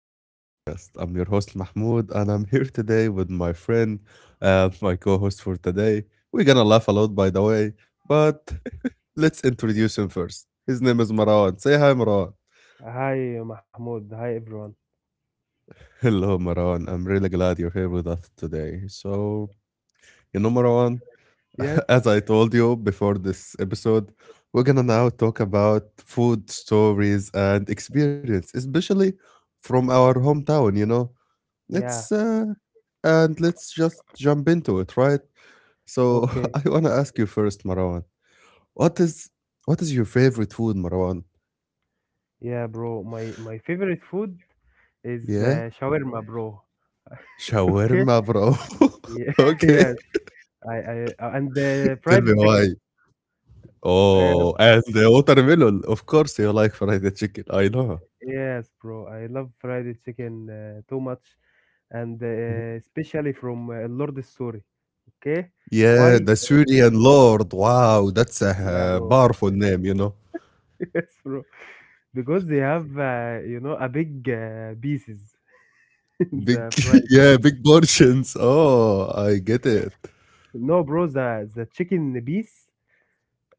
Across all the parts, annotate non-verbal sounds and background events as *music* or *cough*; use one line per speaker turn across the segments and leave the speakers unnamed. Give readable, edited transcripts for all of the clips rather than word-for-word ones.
to our podcast. I'm your host, Mahmoud, and I'm here today with my friend, my co host for today. We're gonna laugh a lot, by the way, but *laughs* let's introduce him first. His name is Marwan. Say hi, Marwan.
Hi, Mahmoud. Hi, everyone.
Hello, Marwan. I'm really glad you're here with us today. So, Marwan,
Yes.
*laughs* as I told you before this episode, we're gonna now talk about food stories and experience, especially from our hometown.
Yeah,
Let's uh, let's just jump into it, right? So *laughs*
okay.
I want to ask you first, Marwan. What is what is your favorite food, Marwan?
Yeah, bro. My favorite food is
Yeah,
shawarma, bro. *laughs* Okay.
shawarma, bro.
Yeah,
*laughs*
*laughs*
Okay,
yes. I and
tell
fried
me why.
chicken. Uh,
Oh, and the watermelon. Of course, you like fried chicken. I know.
yes, bro. I love fried chicken too much, and
Mhm.
especially from Lord Story. Okay,
Yeah,
why?
the Syrian Lord. Wow, that's a
Yeah, bro.
powerful name, you know.
*laughs* Yes, bro. Because they have a big pieces *laughs* in
Big,
the fried.
*laughs*
You know?
yeah, big portions. Oh, I get it.
No, bro. The chicken piece.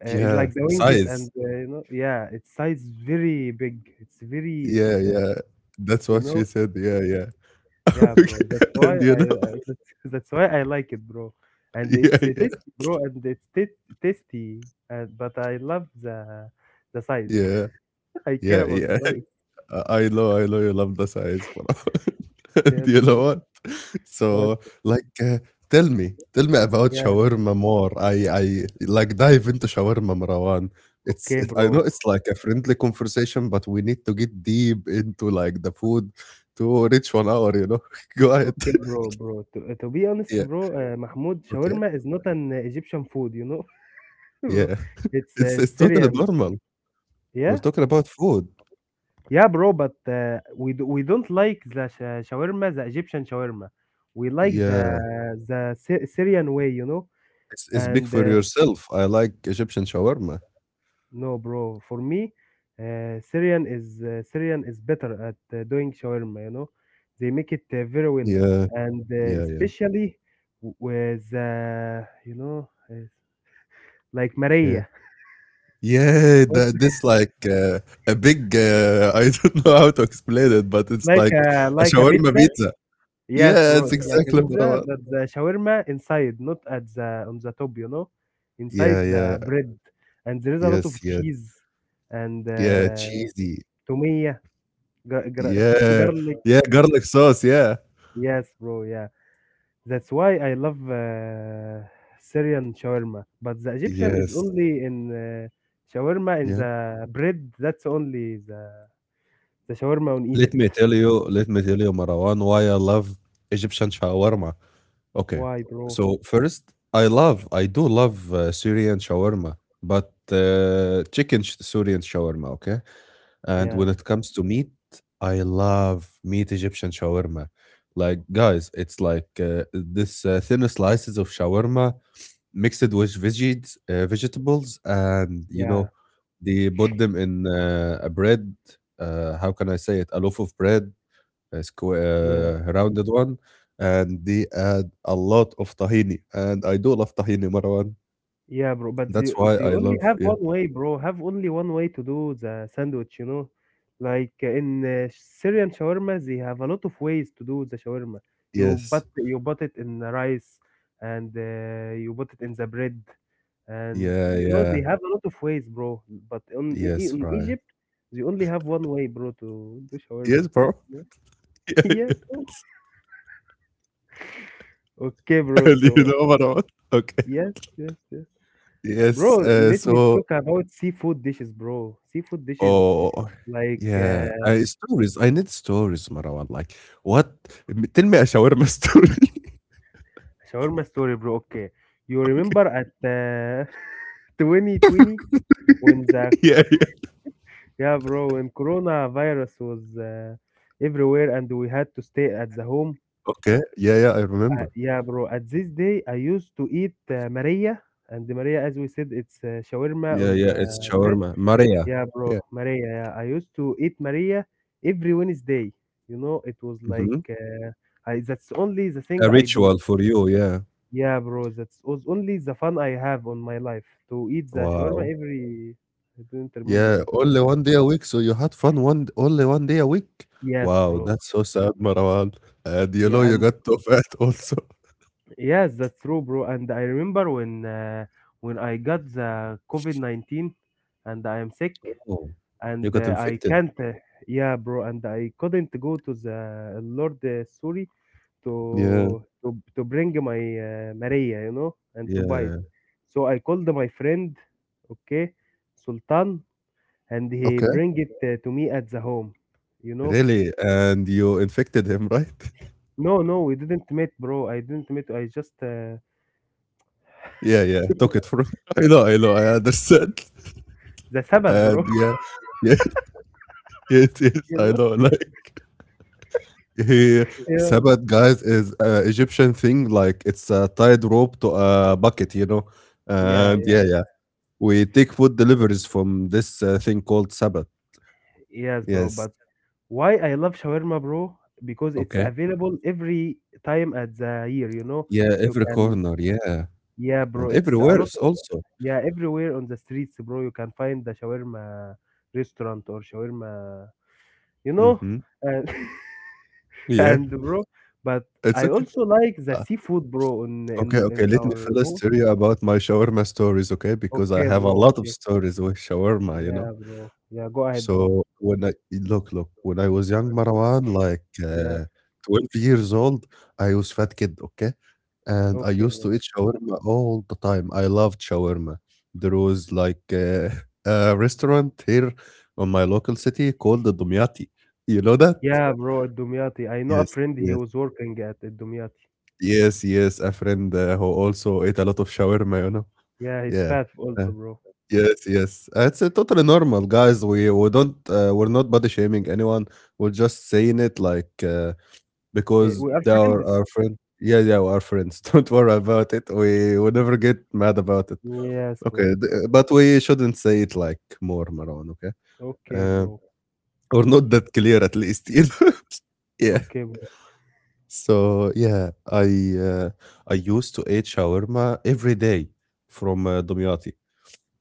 It's
Yeah,
like the wings and
size.
yeah, its size very big. It's very,
Yeah,
it's
yeah. That's
you
what
know,
she said. Yeah, yeah. *laughs*
yeah, bro.
Okay.
That's why
And you
I
know
that's, *laughs* That's why I like it, bro.
*laughs*
And it's
yeah,
uh,
yeah.
tasty, bro, and it's tasty. And but I love the size.
Yeah,
*laughs* I care
yeah,
about the
yeah.
size.
*laughs* I know, I know you love the size بصراحة. *laughs* And
Yes,
you
bro.
know what?
But
So, like, uh, tell me about
yeah,
shawarma more. I like dive into shawarma, Marwan. It's
okay,
it I know
bro.
it's like a friendly conversation, but we need to get deep into like the food to reach 1 hour, you know? *laughs* Go ahead.
Okay,
*laughs*
bro, To be honest,
Yeah.
bro, Mahmoud,
Okay.
shawarma is not an Egyptian food, *laughs* bro.
Yeah. *laughs*
It's
It's totally
Syrian.
normal.
Yeah.
We're talking about food.
Yeah, bro, but we don't like the shawarma, the Egyptian shawarma. We like the
Yeah,
the Sy- Syrian way, you know.
it's big
And
for yourself. I like Egyptian shawarma.
no, bro, for me, Syrian is better at doing shawarma. You know, they make it very well,
Yeah,
and
yeah, yeah,
especially with like
yeah.
Maria.
Yeah,
What
that
is
this like a big *laughs* I don't know how to explain it, but it's
like
like
a
a
like a
shawarma
pizza.
pizza.
Yes,
Yeah,
bro,
it's
it's like a
exactly what I
pizza,
want.
but the shawarma inside, not at the on the top, inside
Yeah, yeah.
the bread, and there is a lot of
Yes, yes.
cheese and
Yeah, cheesy.
tomato, gar- gar- *laughs*
Yeah.
garlic.
Yeah, garlic sauce, yeah.
Yes, bro, yeah. That's why I love Syrian shawarma, but the Egyptian is
Yes.
only in shawarma in
Yeah.
the bread. That's only the shawarma in
Let me
Egypt.
tell you, let me tell you, Marwan, why I love Egyptian shawarma. Okay.
Why, bro?
So first, I do love Syrian shawarma, but chicken Syrian shawarma, okay? And
Yeah,
when it comes to meat, I love meat Egyptian shawarma. Like, guys, it's like this thin slices of shawarma mixed with veggies, vegetables, and you
yeah,
know, they put them in a bread. How can I say it? A loaf of bread squa
yeah.
rounded one, and they add a lot of tahini, and I do love tahini, Marwan.
Yeah, bro, but they
That's why
they
I
only
love
have
yeah.
one way, bro. Have only one way to do the sandwich. Like, in Syrian shawarma, they have a lot of ways to do the shawarma.
Yes.
You put it in the rice, and you put it in the bread, and
Yeah,
you know
yeah.
they have a lot of ways, bro. But
Yes,
in
right.
Egypt, they only have one way, bro, to do
Yes,
shawarma.
bro.
*laughs* Yeah,
*laughs*
bro. Okay, bro.
Yeah, and you
So
know, Marwan? Okay.
yes, yes. Bro,
Yes,
let me
so
talk about seafood dishes, bro. Seafood dishes
oh,
like
yeah, stories. I need stories, Marwan. Like, what? Tell me a shawarma story. *laughs*
Shawarma story, bro. Okay, you
Okay.
remember at *laughs* 2020, when the
Yeah, yeah.
yeah, bro, when coronavirus was everywhere, and we had to stay at the home.
Okay. Yeah, yeah, I remember.
Yeah, bro. At this day, I used to eat Maria. And Maria, as we said, it's shawarma
Yeah,
on
yeah, it's
the bread.
shawarma. Maria.
Yeah,
Yeah.
bro, Maria. Yeah. I used to eat Maria every Wednesday. You know, it was like
Mhm.
that's only the thing
A
I do.
ritual for you, yeah.
Yeah, bro, that was only the fun I have on my life to eat the shawarma
Wow.
every. I don't
Yeah,
remember the
only
name.
1 day a week, so you had fun one only 1 day a week?
Yes,
Wow,
bro.
that's so sad, Marwan. And you
Yeah,
know you
and
got too fat *laughs* also.
yes, that's true, bro. And I remember when I got the COVID 19, and I am sick,
Oh, you
and
got
I
infected?
can't. Yeah, bro, and I couldn't go to the Lord
Yeah,
to bring my Maria, you know, and to buy it.
yeah.
So I called my friend, okay, Sultan, and he
Okay.
bring it to me at the home, you know.
Really? And you infected him, right? *laughs*
No, no, we didn't meet, bro. I didn't meet. I just
Yeah, yeah, took it from *laughs* I know, I know, I understand.
the Sabbath, bro.
And yeah,
*laughs*
yeah, *laughs* it is,
You
I
know.
know. *laughs* He
Yeah.
Sabbath, guys, is a Egyptian thing. Like it's a tied rope to a bucket, you know.
Yeah,
And
yeah,
yeah, yeah, we take food deliveries from this thing called Sabbath.
yes, bro.
Yes.
But why I love shawarma, bro? Because it's
Okay.
available every time at the year. You know,
Yeah,
you
every
can.
corner. Yeah,
Yeah,
and
bro. It's a
everywhere
lot.
else also.
Yeah, everywhere on the streets, bro, you can find the shawarma restaurant or shawarma, you know?
Mm-hmm.
And, *laughs*
Yeah,
and bro, but
it's
I
okay.
also like the
Uh,
seafood, bro, in
okay,
in
okay.
in
Let me
our
first
home.
tell you about my shawarma stories, okay? Because I
Okay,
have a
bro.
lot of
Okay.
stories with shawarma, you know.
Yeah, bro. Yeah, go ahead, bro.
So when look, when I was young, Marwan, like
Yeah.
12 years old, I was fat kid, okay? And I
Okay,
used
bro.
to eat shawarma all the time. I loved shawarma. There was like *laughs* a restaurant here on my local city called the Dumyati. You know that?
Yeah, bro, at Dumyati. I know a
Yes,
friend he
yes,
was working at Dumyati.
yes, yes. A friend who also ate a lot of shawarma, you know?
Yeah, he's
Yeah.
fat
Uh,
also, bro.
yes, yes. It's totally normal, guys. We don't we're not body shaming anyone. We're just saying it like because
We are
they are
friends.
our friend. Yeah, yeah, our friends. *laughs* Don't worry about it. We never get mad about it.
Yes, bro.
Okay, but we shouldn't say it like more, Marwan. Okay,
Okay,
uh,
bro.
or not that clear at least. You know? *laughs* yeah.
Okay, bro.
So yeah, uh, I used to eat shawarma every day from Dumyati.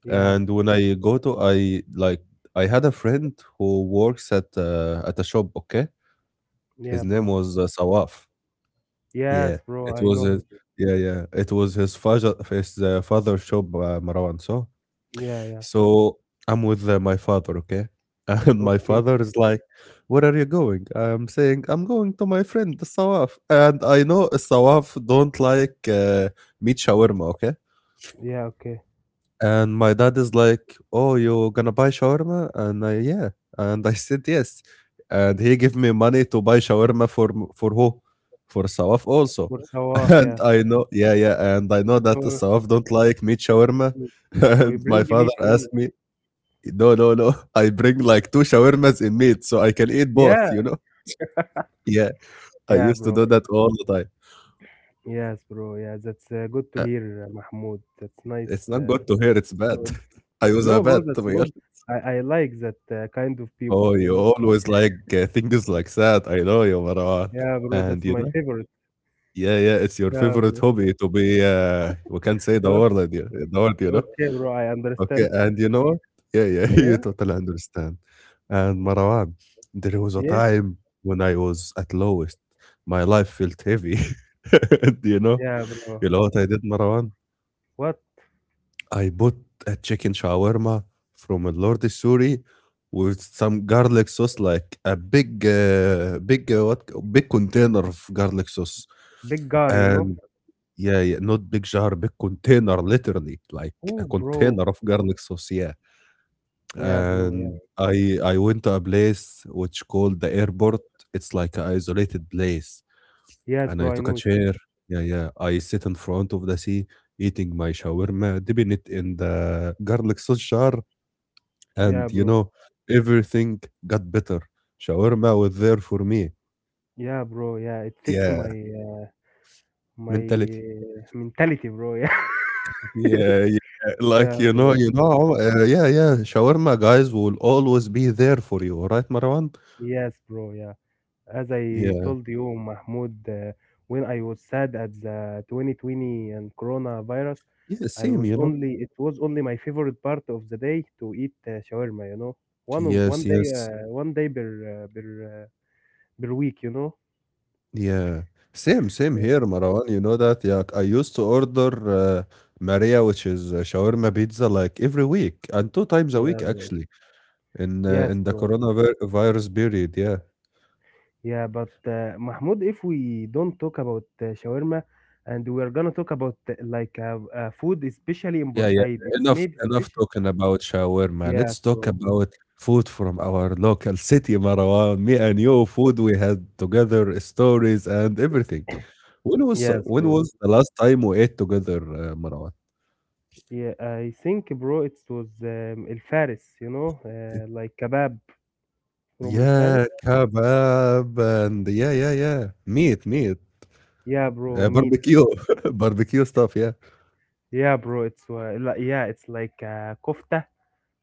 Yeah.
And when I go to I like I had a friend who works at a shop, okay? His
Yeah,
name
bro.
was Sawaf. Yeah.
Yes, bro,
It
I
was
know him.
his, yeah, yeah. It was his father's shop, Marwan. So
Yeah, yeah.
so I'm with my father, okay? *laughs* And my
Okay.
father is like, "Where are you going?" I'm saying, "I'm going to my friend, the Sawaf." And I know Sawaf don't like meat shawarma, okay?
Yeah, okay.
And my dad is like, "Oh, you're gonna buy shawarma?" And I, "Yeah." And I said, "Yes." And he gave me money to buy shawarma for for who? For Sawaf also.
For Sawaf,
*laughs* And
yeah.
I know, yeah, yeah. And I know that
So
Sawaf don't like meat shawarma.
mm,
*laughs*
so you
And my
bring me
father
to him.
asked me, "No, no, no. *laughs* I bring like two shawarmas in meat, so I can eat both."
Yeah.
You know? Yeah, I
Yeah,
used to
bro.
do that all the time.
Yes, bro. Yeah, that's good to
Uh,
hear, Mahmoud. That's
It's
nice.
not good to hear. It's bad.
Story.
*laughs* I was a
No,
bad
bro,
to
that's
be
good.
honest.
I like that kind of people,
Oh,
you
you
know?
always like things like that. I know you, Marwan.
Yeah, bro, that's
And you
my
know,
favorite.
yeah, yeah, it's your
Yeah,
favorite
bro.
hobby to be. We can't say
Oh,
the word, you know.
okay, bro, I
Okay,
understand. *laughs*
and you know what? Yeah, yeah, *laughs* you
Yeah,
totally understand. And Marwan, there was a
yes.
time when I was at lowest. My life felt heavy. *laughs* Do you know?
Yeah, bro.
You know what I did, Marwan?
What?
I bought a chicken shawarma from a Lord Suri with some garlic sauce, like a big, big what? Big container of garlic sauce,
Big guy, you know?
and yeah, yeah, not big jar, big container, literally, like a
Oh, bro.
container of garlic sauce. Yeah,
Yeah, bro. Yeah.
and I went to a place which called the airport. It's like an isolated place,
Yes,
and I
bro, I
took a
know.
chair. Yeah, yeah. I sit in front of the sea, eating my shawarma, dipping it in the garlic sauce jar, and,
Yeah,
you
bro.
know, everything got better. Shawarma was there for me.
Yeah, bro. Yeah, it fixed my
Yeah,
uh, my
mentality.
mentality, bro. Yeah. *laughs* Yes.
Yeah, yeah.
Yeah,
Like,
bro.
you know, yeah, yeah. Shawarma guys will always be there for you, all right, Marwan?
Yes, bro. Yeah. As I
Yeah.
told you, Mahmoud, when I was sad at the 2020 and coronavirus,
Yeah,
I
same,
was
you know.
only it was only my favorite part of the day to eat shawarma. You know,
Yes,
one day,
yes.
uh, one day per week. You know.
Yeah. Same, same
Yeah,
here, Marwan. You know that? Yeah, I used to order Maria, which is shawarma pizza, like every week and two times a
yeah,
week,
bro.
actually,
Yes,
in the
bro.
coronavirus virus period. Yeah.
Yeah, but Mahmoud, if we don't talk about shawarma, and we are gonna talk about food, especially in
Yeah, yeah.
Bursaid, it's
Enough
made
enough
special.
talking about shawarma. Let's
Yes,
talk
bro.
about food from our local city, Marwan. Me and you, food we had together, stories and everything. When was
Yes,
when
bro.
was the last time we ate together, Marwan?
Yeah, I think, bro, it was El Faris, you know, like kebab from El Faris.
Yeah, kebab and yeah, yeah, yeah. Meat, meat.
Yeah, bro, meat.
Barbecue, *laughs* barbecue stuff. Yeah,
Yeah, bro, yeah, it's like kofta,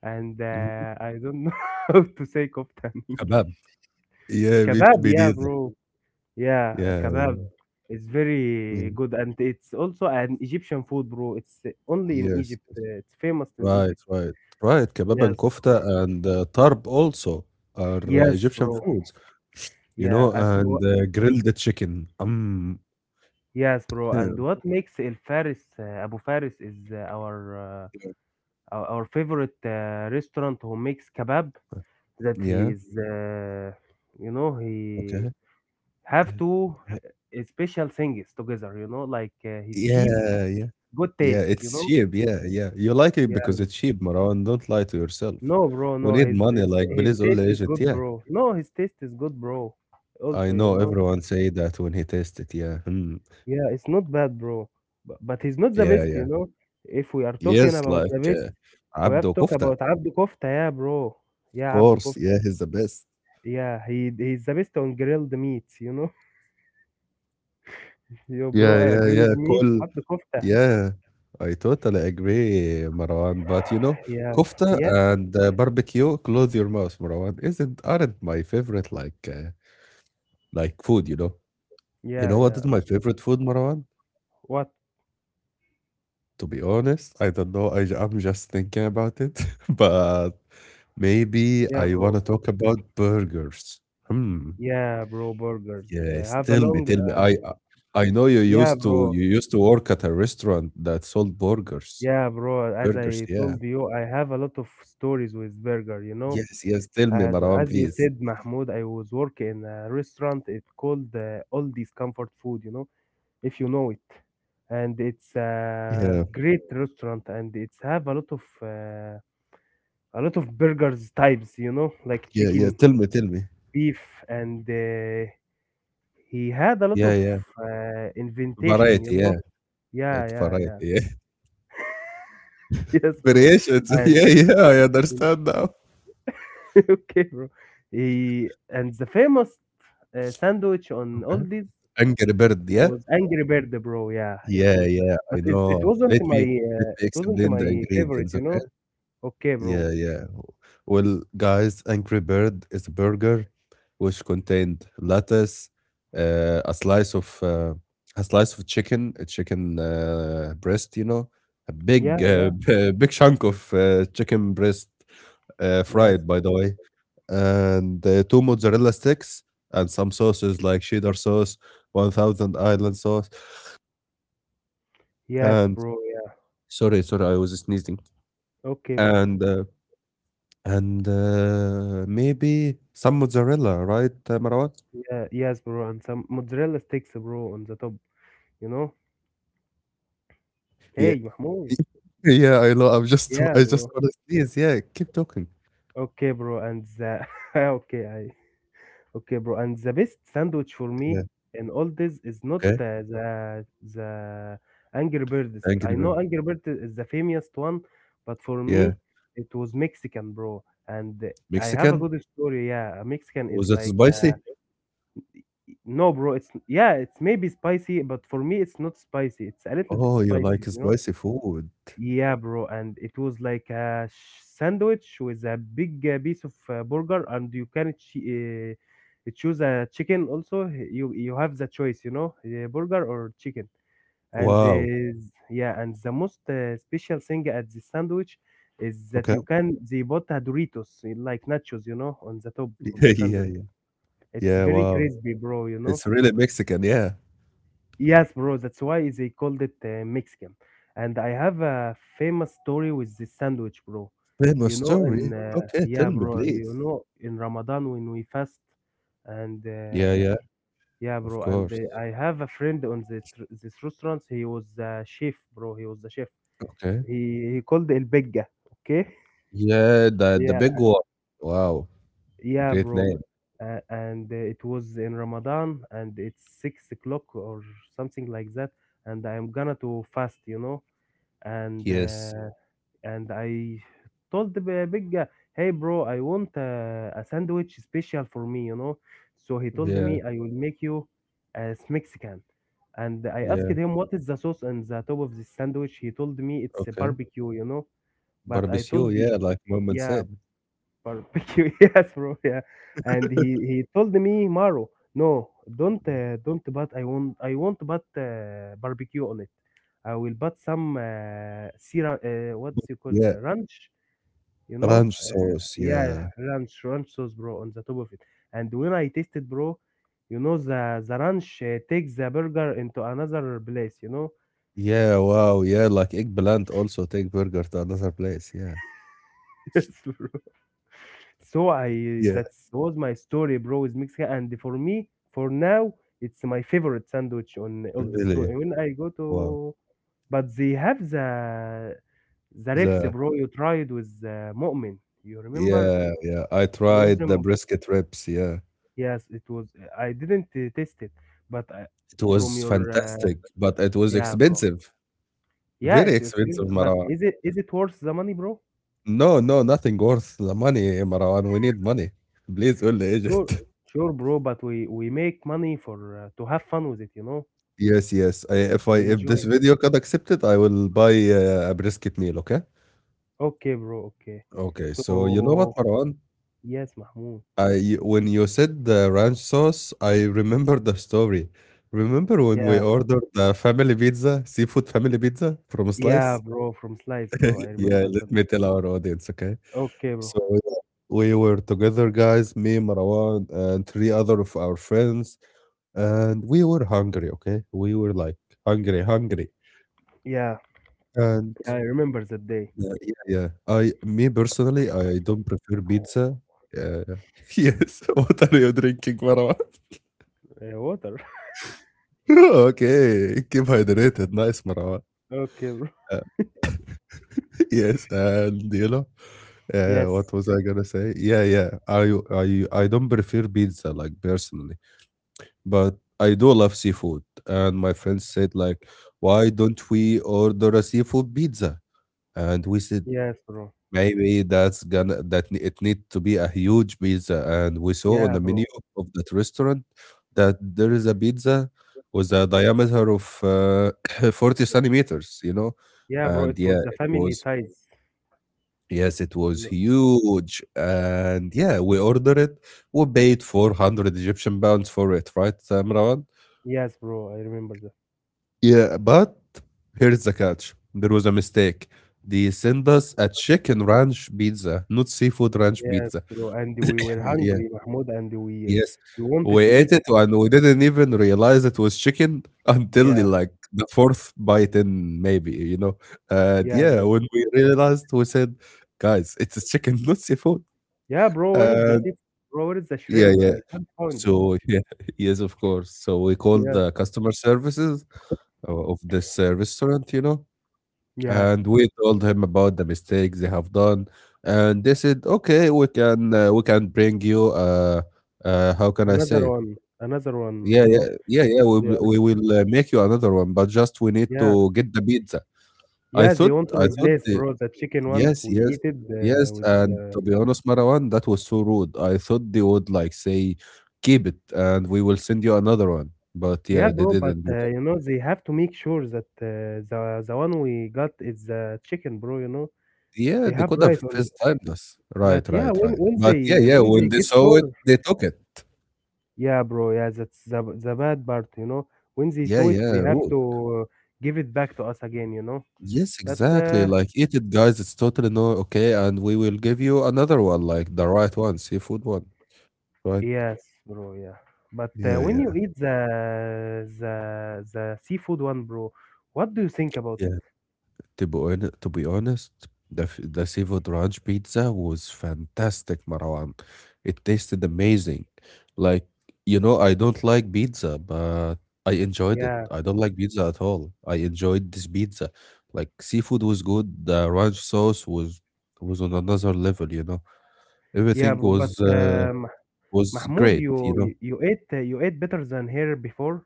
and
mhm.
I don't know *laughs* how to say kofta in English.
Kebab. Yeah, meat,
Kebab,
meat
yeah,
either.
bro. Yeah,
Yeah,
kebab is very
yeah.
good, and it's also an Egyptian food, bro. It's only in
Yes.
Egypt.
Yes.
It's famous in
Right,
Egypt.
right, right. Kebab and
Yes, bro.
kofta and tarb also are
Yes,
Egyptian
bro.
foods, you
Yeah,
know, and grilled chicken.
yes, bro. And
*laughs*
what makes El Faris, Abu Faris, is our favorite restaurant who makes kebab. That
Yeah,
he is, he
okay.
have two special things together. You know, like his sheep,
Yeah, yeah,
good
yeah.
taste. You
It's
know.
cheap. Yeah, yeah. You like it
Yeah.
because it's cheap, Marwan. Don't lie to yourself.
No, bro,
We
no,
need
his,
money,
his
like
his
please, all
taste is
Egypt.
good,
Yeah,
bro. No, his taste is good, bro.
I
Also, you
know
know,
everyone say that when he tastes it. Yeah, hmm.
yeah, it's not bad, bro. But he's not the
Yeah,
best,
yeah.
you know. If we are talking
Yes,
about the
like
best, we have
Abdo
to talk
kofta,
about Abdu Kofta, yeah, bro.
of
Yeah, Abdu
course.
Kofta.
Yeah, he's the best.
Yeah, he's the best on grilled meats, you know. *laughs* Yo,
Yeah,
bro, I
yeah,
agree
yeah.
with me.
Kol
Abdu Kofta.
yeah. I totally agree, Marwan. But you know,
Yeah,
kofta
yes,
and barbecue, close your mouth, Marwan, isn't aren't my favorite like food, you know. You
yeah,
know what
yeah.
is my favorite food, Marwan?
What?
To be honest, I don't know. I'm just thinking about it, *laughs* but maybe
Yeah,
I want
bro.
to talk about burgers. Hmm.
Yeah, bro, burgers.
Yes,
Have a
tell me,
long.
tell me. I I know
Yeah, bro.
you used to work at a restaurant that sold burgers.
Yeah, bro, as
Burgers,
I
yeah.
told you, I have a lot of stories with burger, you know.
Yes, yes, tell me,
As
Marwan,
as you
please.
said, Mahmoud, I was working in a restaurant. It called Aldi's Comfort Food, you know, if you know it. And it's a
Yeah,
great restaurant, and it's have a lot of burgers types, you know, like
yeah, yeah.
chicken,
Tell me, tell me.
beef, and he had a lot of
Yeah, yeah.
inventation, you
Variety,
know.
yeah.
Yeah,
It's
yeah, yeah.
variety, yeah.
*laughs* Yes,
*laughs*
bro.
Variations. *laughs*
And
Yeah, yeah. I understand now.
*laughs* okay, bro. He and the famous sandwich on
Okay.
Aldi's
Angry Bird, yeah?
was Angry Bird, bro. Yeah, it
Yeah,
was,
yeah,
but
I
it
know.
wasn't my
Let
uh,
me
it wasn't
explain the
my favorite,
ingredients,
you know.
okay?
Okay, bro.
Yeah, yeah. Well, guys, Angry Bird is a burger which contained lettuce, uh, a slice of uh, a slice of chicken, a chicken breast, you know, a
Yeah,
big
yeah,
*laughs* big chunk of chicken breast,
yes,
fried by the
bro.
way, and two mozzarella sticks and some sauces like cheddar sauce, one thousand island sauce,
Yes,
and
bro. Yeah.
sorry, sorry, I was sneezing,
Okay, bro.
and. Uh, And maybe some mozzarella, right, Marwan?
Yeah, yes, bro. And some mozzarella sticks, bro, on the top. You know.
Yeah.
Hey, Mahmoud.
*laughs* Y yeah, I know.
Yeah,
I just
bro.
wanna sneeze. Yeah, keep talking.
Okay, bro. And the *laughs* okay, I Okay, bro. And the best sandwich for
Yeah,
me in all this is not
okay.
the Angry Birds. I
Angry bird.
know Angry Birds is the famous one, but for
Yeah.
me it was Mexican, bro. And I have a
Mexican?
good story. Yeah, a Mexican is
Was it
like
spicy?
no, bro. It's maybe spicy, but for me it's not spicy. It's a little bit
Oh, you like
spicy, you know.
spicy food.
Yeah, bro, and it was like a sandwich with a big piece of burger, and you can choose a chicken also. You have the choice, burger or chicken. And
Wow.
yeah, and the most special thing at the sandwich is that
Okay.
you can they bought a Doritos like nachos, you know, on the top
*laughs*
of
Yeah,
the
yeah,
sandwich.
yeah.
It's
Yeah,
very
wow.
crispy, bro, you know.
It's really Mexican, yeah.
Yes, bro, that's why they called it Mexican. And I have a famous story with the sandwich, bro.
Famous
You know,
story?
in
Okay, tell
yeah,
me,
bro, you
please.
know, in Ramadan when we fast, and
Yeah, yeah,
yeah,
of
bro,
course.
and I have a friend on the tr this restaurant. He was a chef, bro. He was a chef.
Okay.
He called El Bigga, okay?
Yeah, the
Yeah,
big one. Wow,
yeah,
great
bro.
name.
And it was in Ramadan, and it's 6 o'clock or something like that. And I'm gonna to fast, you know, and
Yes.
uh, and I told the big guy, "Hey, bro, I want a sandwich special for me, you know." So he told
Yeah,
me, "I will make you as Mexican." And I asked
yeah,
him, "What is the sauce on the top of this sandwich?" He told me, "It's a
okay.
barbecue, you know." But I
Barbecue,
told,
yeah, like moment
"Yeah,
said.
barbecue, *laughs* yes, bro, yeah." And he
*laughs*
he told me, "Maro, no, don't, but I want but barbecue on it." I will buy some sira, what's you call
Yeah,
the ranch, you know?
ranch sauce,
Yeah,
yeah.
ranch, ranch sauce, bro, on the top of it. And when I tasted, bro, you know, the ranch takes the burger into another place, you know?
Yeah, wow, yeah, like eggplant also take burger to another place, yeah.
*laughs* Yes, bro. So I
Yeah.
that was my story, bro, with Mexican. And for me, for now, it's my favorite sandwich on all this. So
Really,
when I go to,
wow.
but they have the ribs,
The
bro. You tried with Mu'min, you remember?
yeah, yeah, I tried the
Museum,
brisket ribs, yeah.
yes, it was. I didn't taste it, but I,
It
from
was
your
fantastic, but it was
yeah, bro.
expensive.
Yeah,
Very
it's
expensive,
expensive, but
Marwan.
is it worth the money, bro?
No, no, nothing worth the money, Marwan. We need money. Please, only
Sure,
Egypt.
sure, bro. But we make money for to have fun with it, you know,
Yes, yes. I
to
if this
enjoy.
video got accepted, I will buy a brisket meal. Okay.
Okay, bro. Okay.
Okay. So you know what,
So
Marwan?
yes, Mahmoud.
I when you said the ranch sauce, I remember the story. Remember when we
Yeah,
ordered the family pizza, seafood family pizza from
yeah,
Slice?
bro. From slice, bro. I
*laughs* Yeah,
remember
let
that.
me tell our audience, okay?
Okay, bro.
So yeah, we were together, guys, me, Marwan, and three other of our friends, and we were hungry, okay? We were like hungry, hungry.
Yeah,
And
yeah, I remember that day.
Yeah, yeah, yeah. I me personally, I don't prefer pizza. Yeah. *laughs* Yes. *laughs* What are you drinking, Marwan?
Water. *laughs*
*laughs* Okay. Keep hydrated. Nice, Marwan.
Okay, bro.
Uh, *laughs* Yes, and you know,
Yes,
what was I gonna say? Yeah, yeah. I don't prefer pizza like personally, but I do love seafood. And my friends said like, why don't we order a seafood pizza? And we said,
yes, bro.
maybe that's gonna that ne- it need to be a huge pizza, and we saw on
Yeah,
the
bro.
menu of that restaurant that there is a pizza with a diameter of *coughs* *clears throat* 40 centimeters, you know,
Yeah, bro,
and
it was
yeah,
the
it
family
was
size.
yes, it was
No-
huge, and yeah, we ordered it. We paid 400 Egyptian pounds for it, right, Imran?
Yes, bro, I remember that.
Yeah, but here's the catch: there was a mistake. They sent us a chicken ranch pizza, not seafood ranch
Yes,
pizza.
bro, and we were
Yeah.
hungry, Mahmoud, and
Yes,
we wanted
we
to
ate
eat
it
it.
and we didn't even realize it was chicken *laughs* until
Yeah,
like the fourth bite in maybe, you know? And
yeah,
yeah,
bro.
when we realized, we said, guys, it's chicken, *laughs* not seafood.
Yeah, bro, where is the
And
seafood? Bro, where is the
yeah,
shrimp?
yeah.
I can't find it.
So yeah, *laughs* yes, of course. So we called
Yeah,
the customer services of this restaurant, you know,
yeah.
and we told him about the mistakes they have done, and they said, okay, we can bring you how can I say
Another
it?
one, another one. You
Yeah, yeah,
know,
yeah, yeah. We
they
will
are,
we will make you another one, but just we need
yeah,
to get the pizza. I
yeah. They
thought,
want to
I thought,
replace,
the,
bro, the chicken one.
yes,
We
yes,
eat it
yes.
with,
And to be honest, Marwan, that was so rude. I thought they would like say, keep it, and we will send you another one. But yeah,
yeah,
they
bro. But
didn't do that.
you know, they have to make sure that the one we got is chicken, bro. You know,
Yeah,
they
they
have
could
right
have
on.
first timed us.
But
Right,
yeah,
right,
when
right.
when
But yeah,
they
yeah.
when
When
they
they
get
saw it,
sure,
they took it.
yeah, bro, yeah, that's the bad part, you know. When they
Yeah,
saw it, they
yeah,
have
rude.
to uh, give it back to us again, you know.
Yes,
But
exactly. Like, eat it, guys. It's totally no okay, and we will give you another one, like the right one, seafood one. What?
yes, bro, yeah. But
Yeah,
when you
yeah,
eat the the seafood one, bro, what do you think about
yeah.
it?
To be honest, the seafood ranch pizza was fantastic, Marwan. It tasted amazing. Like, you know, I don't like pizza, but I enjoyed it.
Yeah,
I don't like pizza at all. I enjoyed this pizza. Like, seafood was good. The ranch sauce was on another level, you know.
yeah,
Everything
bro. But
was uh, was
Mahmoud,
great, you
you
know.
you ate you ate better than here before.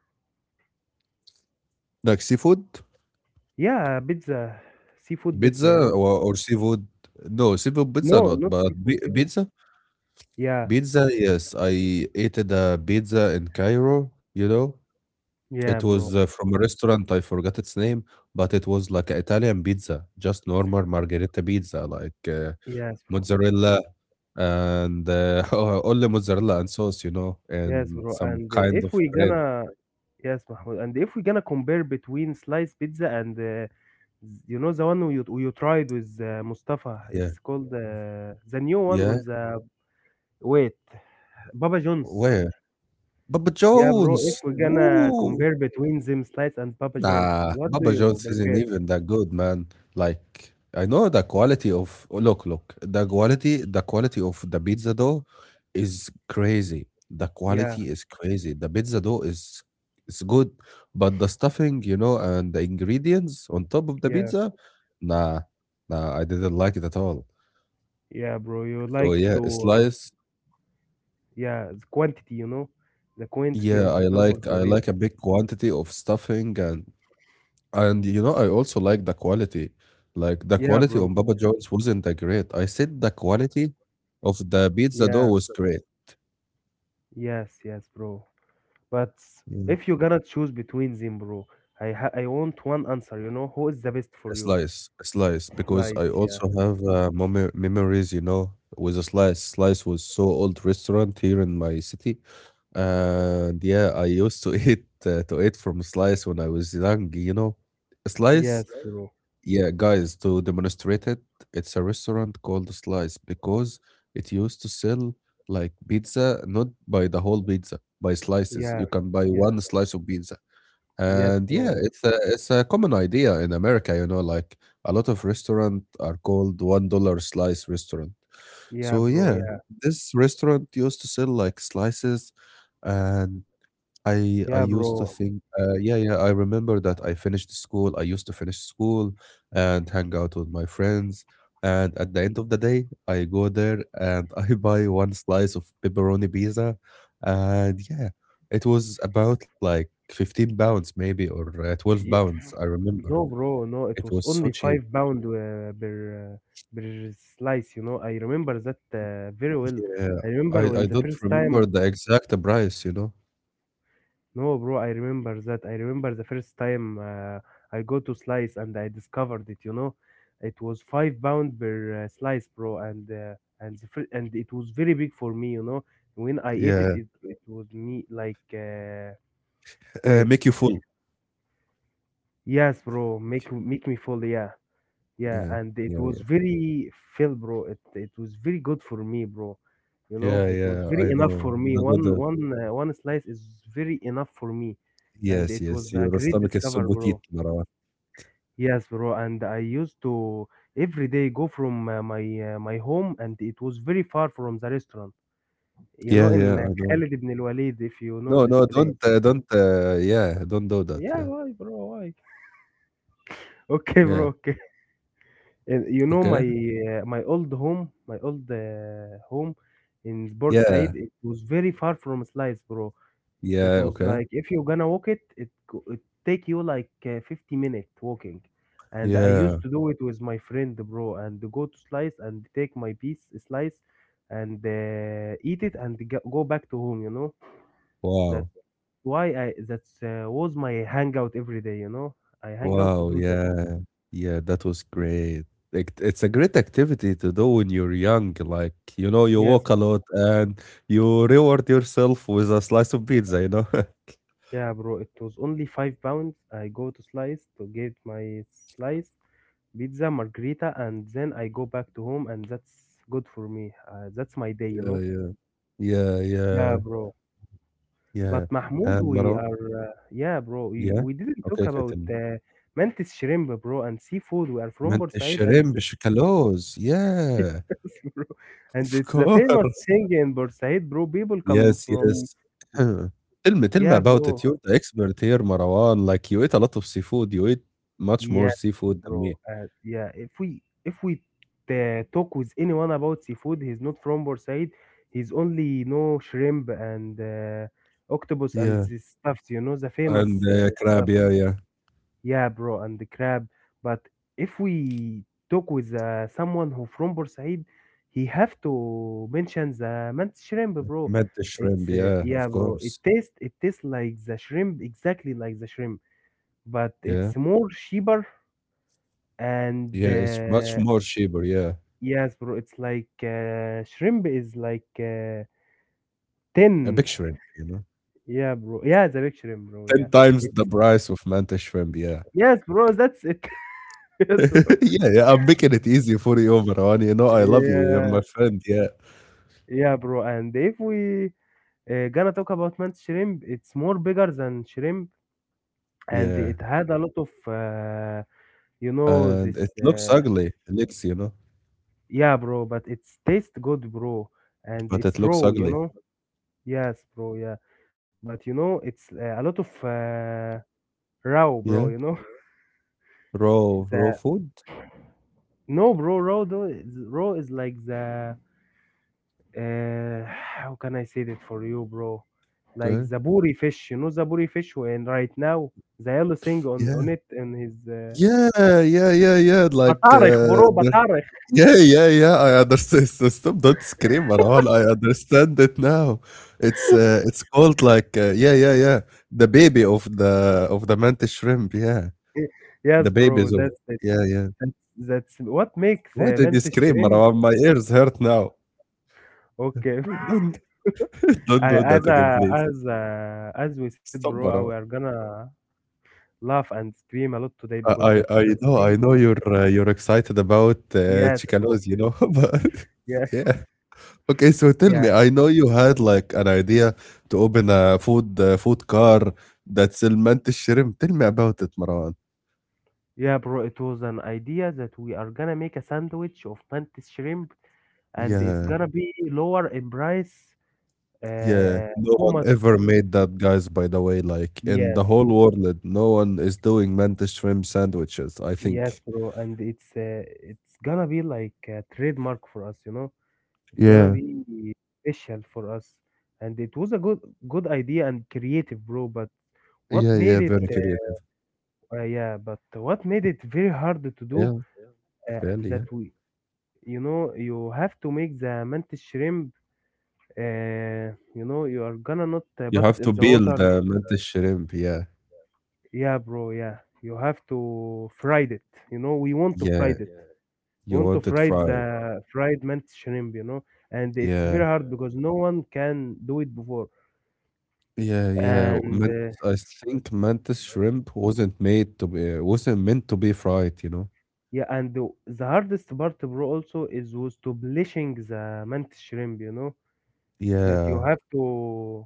Like seafood,
Yeah, pizza, seafood pizza, you
pizza,
know.
or seafood. No, seafood pizza
No,
not,
not
but
seafood,
pi-
seafood.
pizza
Yeah,
Pizza, yes, I ate the pizza in Cairo, you know. It
yeah,
was
bro.
from a restaurant, I forgot its name, but it was like an Italian pizza, just normal margherita pizza, like
Yes, bro.
mozzarella and *laughs* only mozzarella and sauce, you know,
Yes,
and
bro.
some
And
kind
if
of
we
bread.
gonna yes, Mahmoud. And if we gonna compare between sliced pizza and you know the one you tried with Mustafa,
Yeah,
it's called the new one
yeah.
on the wait, Baba John's.
Where? Papa
Yeah, bro. If
John's.
we gonna
Woo!
compare between them slice and Papa John's,
Nah,
what do
Papa
you
John's isn't
prefer?
even that good, man. Like I know the quality of oh, look, look, the quality of the pizza dough is crazy. The
Yeah,
quality is crazy. The pizza dough is it's good, but the stuffing, you know, and the ingredients on top of the
yeah,
pizza, nah, nah, I didn't like it at all.
yeah, bro. You
So
like
yeah, a
to
slice.
yeah the quantity, you know, the quantity
Yeah,
on the
I
top of
like
the
I like
pizza.
a big quantity of stuffing. And you know, I also like the quality. Like the
Yeah,
quality
bro.
on Baba John's wasn't that great. I said the quality of the pizza dough
Yeah,
was great.
yes, yes, bro. But
Yeah.
if you're gonna choose between them, bro, I want one answer. You know who is the best for you?
A slice, because I
Lights, yeah,
also have memories, you know, with a slice. Slice was so old restaurant here in my city. And yeah, I used to *laughs* eat to eat from slice when I was young, you know. Slice
yes, bro,
Yeah, guys, to demonstrate it, it's a restaurant called Slice because it used to sell like pizza, not by the whole pizza, by slices. You
yeah,
can buy
yeah,
one slice of pizza.
yes,
And yeah, it's a common idea in America, you know, like a lot of restaurant are called $1 slice restaurant. So
bro,
yeah,
yeah,
this restaurant used to sell like slices, and I
yeah,
used to
bro,
think, yeah, yeah, I remember that I finished school. I used to finish school and hang out with my friends. And at the end of the day, I go there and *laughs* I buy one slice of pepperoni pizza, and yeah, it was about like 15 pounds maybe or 12
yeah.
pounds. I remember
No, bro, no. It
it
was
was so
only
cheap.
5 pound per uh, per slice. You know, I remember that very well.
Yeah,
I
I
remember
I
when the
don't
first
remember
time.
the exact price, you know.
No, bro, I remember that. I remember the first time I go to slice and I discovered it, you know. It was 5 pound per slice, bro, and and it was very big for me, you know. When I ate it,
Yeah,
it, it was me like wait,
make you full.
yes, bro, make make me full, yeah. Yeah,
Yeah,
and it
yeah,
was
yeah,
very feel, bro. It was very good for me, bro. You know,
yeah,
it was
yeah.
very
I
enough for
know
me.
the good.
One one slice is very enough for me, and
Yes,
it
yes.
was a
Your
great
stomach is so
discover, bro.
petite, Marwan.
Yes, bro. And I used to every day go from my my home, and it was very far from the restaurant. You know,
Yeah, yeah.
in
I know.
Khalid ibn al-Walid, if you know
No,
this
no.
place.
Don't. Yeah, don't do that.
Yeah,
Yeah,
why, bro? Why? *laughs* Okay,
yeah.
bro. Okay. And you know my
Okay.
my old home in
Yeah,
Said, it was very far from Slice, bro. It
yeah.
was
Okay.
like if you're gonna walk it, it take you like 50-minute walking. And I
Yeah.
used to do it with my friend, bro, and go to Slice and take my piece slice and eat it and g go back to home, you know? That
Wow.
why I that was my hangout every day, you know? I hang out to
Wow.
do that.
Yeah. Yeah. That was great. Like, it's a great activity to do when you're young. Like, you know, you
Yes.
walk a lot and you reward yourself with a slice of pizza. You know. *laughs*
Yeah, bro, it was only 5 pounds. I go to Slice to get my slice pizza, margarita, and then I go back to home, and that's good for me. That's my day, you
Yeah,
know.
yeah, yeah,
Yeah,
yeah.
bro.
Ja.
But Mahmoud,
And
we
Marwan,
are yeah, bro.
yeah?
We didn't
Okay,
talk about
Katen.
mantis shrimp, bro, and seafood. We are from
Mantis
Bursaid, and
shrimp Schokalos, yeah,
*laughs* bro, and
of
it's a famous
course.
thing in Bursaid, bro. People come
Yes,
from
yes. *clears throat* Tell me
yeah,
about
bro.
it. You're the expert here, Marwan. Like, you eat a lot of seafood. You eat much more
Yeah,
seafood than me.
bro. Yeah, if we talk with anyone about seafood, he's not from Bursaid. He's only you know shrimp and octopus and
Yeah,
the stuffs. You know the
and,
famous
crab,
stuff.
yeah, yeah.
Yeah, bro, and the crab. But if we talk with someone who from Bursaid, he have to mention the mantis shrimp, bro.
Mantis
It's
shrimp, yeah,
yeah,
of
bro. It
course.
tastes like the shrimp, exactly like the shrimp, but it's
Yeah.
more cheaper and
Yeah, it's much more cheaper, yeah.
yes, bro. It's like shrimp is like
A
tin.
big shrimp, you know?
Yeah, bro. Yeah, it's a big shrimp, bro. Yeah,
10 times
it's
the price of mantis shrimp, yeah.
yes, bro. That's it. *laughs* Yes, bro.
*laughs* Yeah, yeah, I'm making it easy for you, Marwan. You know, I love you. You're
Yeah,
my friend. Yeah,
yeah, bro. And if we gonna talk about man's shrimp, it's more bigger than shrimp, and it
yeah.
had a lot of you know
And
this.
it looks ugly. It looks, you know,
Yeah, bro. But it's taste good, bro, and
but it
it's
looks
raw. You
ugly.
know. Yes, bro. Yeah, but you know it's a lot of raw, bro.
Yeah,
You know. *laughs*
raw, raw
the
food.
No, bro, raw though is raw is like the how can I say that for you, bro? Like
Okay.
the buri fish, you know the buri fish, and right now the yellow thing
Yeah,
on it and his
yeah, yeah, yeah, yeah. Like,
batarikh, bro, batarikh.
yeah, yeah, yeah. I understand. So stop, don't scream, Marwan. I understand it now. It's called like, yeah, yeah, yeah. The baby of the mantis shrimp. Yeah, the
Yes, bro,
babies of.
that's it.
Yeah, yeah.
That's, that's what makes
Why did you
mantis
scream,
shrimp.
Marwan? My ears hurt now.
Okay,
Don't *laughs*
*laughs*
don't do
as
that again,
a,
please.
as a, as we said,
Stop,
bro, we are
Marwan.
gonna laugh and scream a lot today
I
because
I
that's
I
the
know
thing
I know
we.
you're excited about
Yes, bro.
Chicano's, you know, *laughs* but
Yeah,
yeah. Okay, so tell
yeah.
me, I know you had like an idea to open a food food car that sell mantis shrimp. Tell me about it, Marwan.
Yeah, bro, it was an idea that we are gonna make a sandwich of mantis shrimp, and it's
Yeah,
gonna be lower in price.
yeah.
Uh,
No
how
one
much?
ever made that, guys, by the way. Like in the
Yes,
whole world, no one is doing mantis shrimp sandwiches, I
yes,
think.
bro, and it's gonna be like a trademark for us, you know. It's gonna
Yeah.
be special for us, and it was a good good idea and creative, bro. But what
Yeah,
made
yeah,
Yeah, it?
very
Yeah. yeah.
creative.
Yeah, but what made it very hard to do
Yeah,
uh,
fairly,
that
yeah.
we, you know, you have to make the mantis shrimp. You know, you are gonna not
You
put it
have
in
to
the Not
peel
water.
the
Real.
mint shrimp, yeah.
Yeah, bro. Yeah, you have to fried it. You know, we want to
Yeah,
fried it. Yeah. We
you
want to
want it
fried want to fry
fried.
the fried mint shrimp. You know, and it's
Yeah,
very hard because no one can do it before.
yeah, yeah.
And
I think mantis shrimp wasn't meant to be fried, you know?
yeah, and the hardest part, bro, also is was to bleaching the mint shrimp. You know, that you
Yeah,
have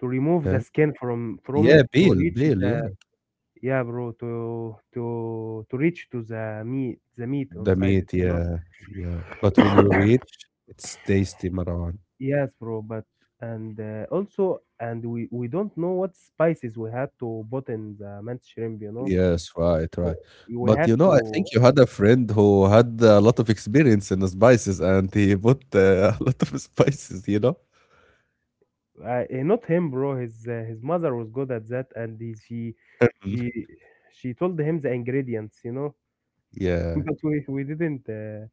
to remove the
yeah.
skin from it
Yeah,
to
peel,
reach
peel, yeah.
the yeah, bro, to reach to the meat
The
inside it,
meat,
you know?
yeah, yeah. But when you reach, it's tasty, Marwan.
Yes, bro, but and also and we don't know what spices we had to put in the mint shrimp, you know?
Yes, right, right.
Co- We
But you
have
know, I
to
think you had a friend who had a lot of experience in spices and he put *laughs* a lot of spices, you know?
not him, bro. His mother was good at that, and he,
Mm.
she she told him the ingredients, you know. *laughs*
Yeah,
But we didn't.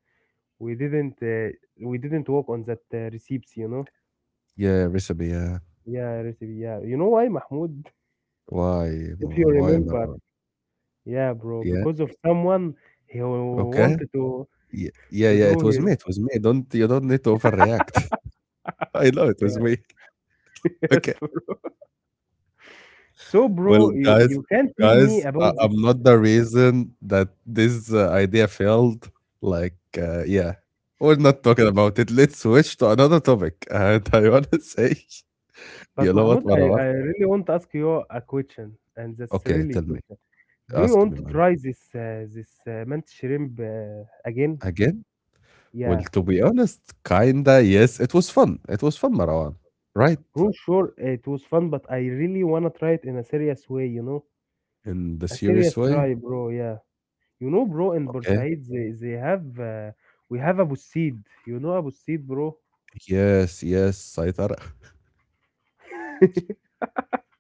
We didn't we didn't work on that recipes, you know,
yeah, recipe, yeah.
yeah recipe, yeah, you know why, Mahmoud?
Why,
*laughs* If you
Ma- why,
remember,
Marwan?
yeah, bro,
Yeah,
because of someone he
okay.
wanted
Yeah, yeah,
to
yeah,
do
it was
his
me, it was me. Don't, you don't need to overreact. *laughs* I know it was
yeah.
me. *laughs*
*laughs* Yes,
Okay.
bro. So bro,
Well,
you
guys,
can't tell me
guys,
about
I,
this,
I'm not the reason that this idea failed. Like, yeah, we're not talking about it. Let's switch to another topic. *laughs* And I want to *laughs* say,
but
you know what,
Mahmoud,
Marwan?
I really want to ask you a question, and that's
Okay,
really a
tell me.
question. Do you
Ask me,
want to
man.
try this this mint shrimp again?
Again? Well,
Yeah,
to be honest, kinda, yes. It was fun. It was fun, Marwan. Right?
bro, sure it was fun, but I really want to try it in a serious way, you know.
In the
A
serious
serious
way.
try, bro. Yeah, you know, bro. In
Okay.
Bursaid, they have we have Abu Seed. You know Abu Seed, bro.
Yes, yes, Saitara. *laughs*
*laughs*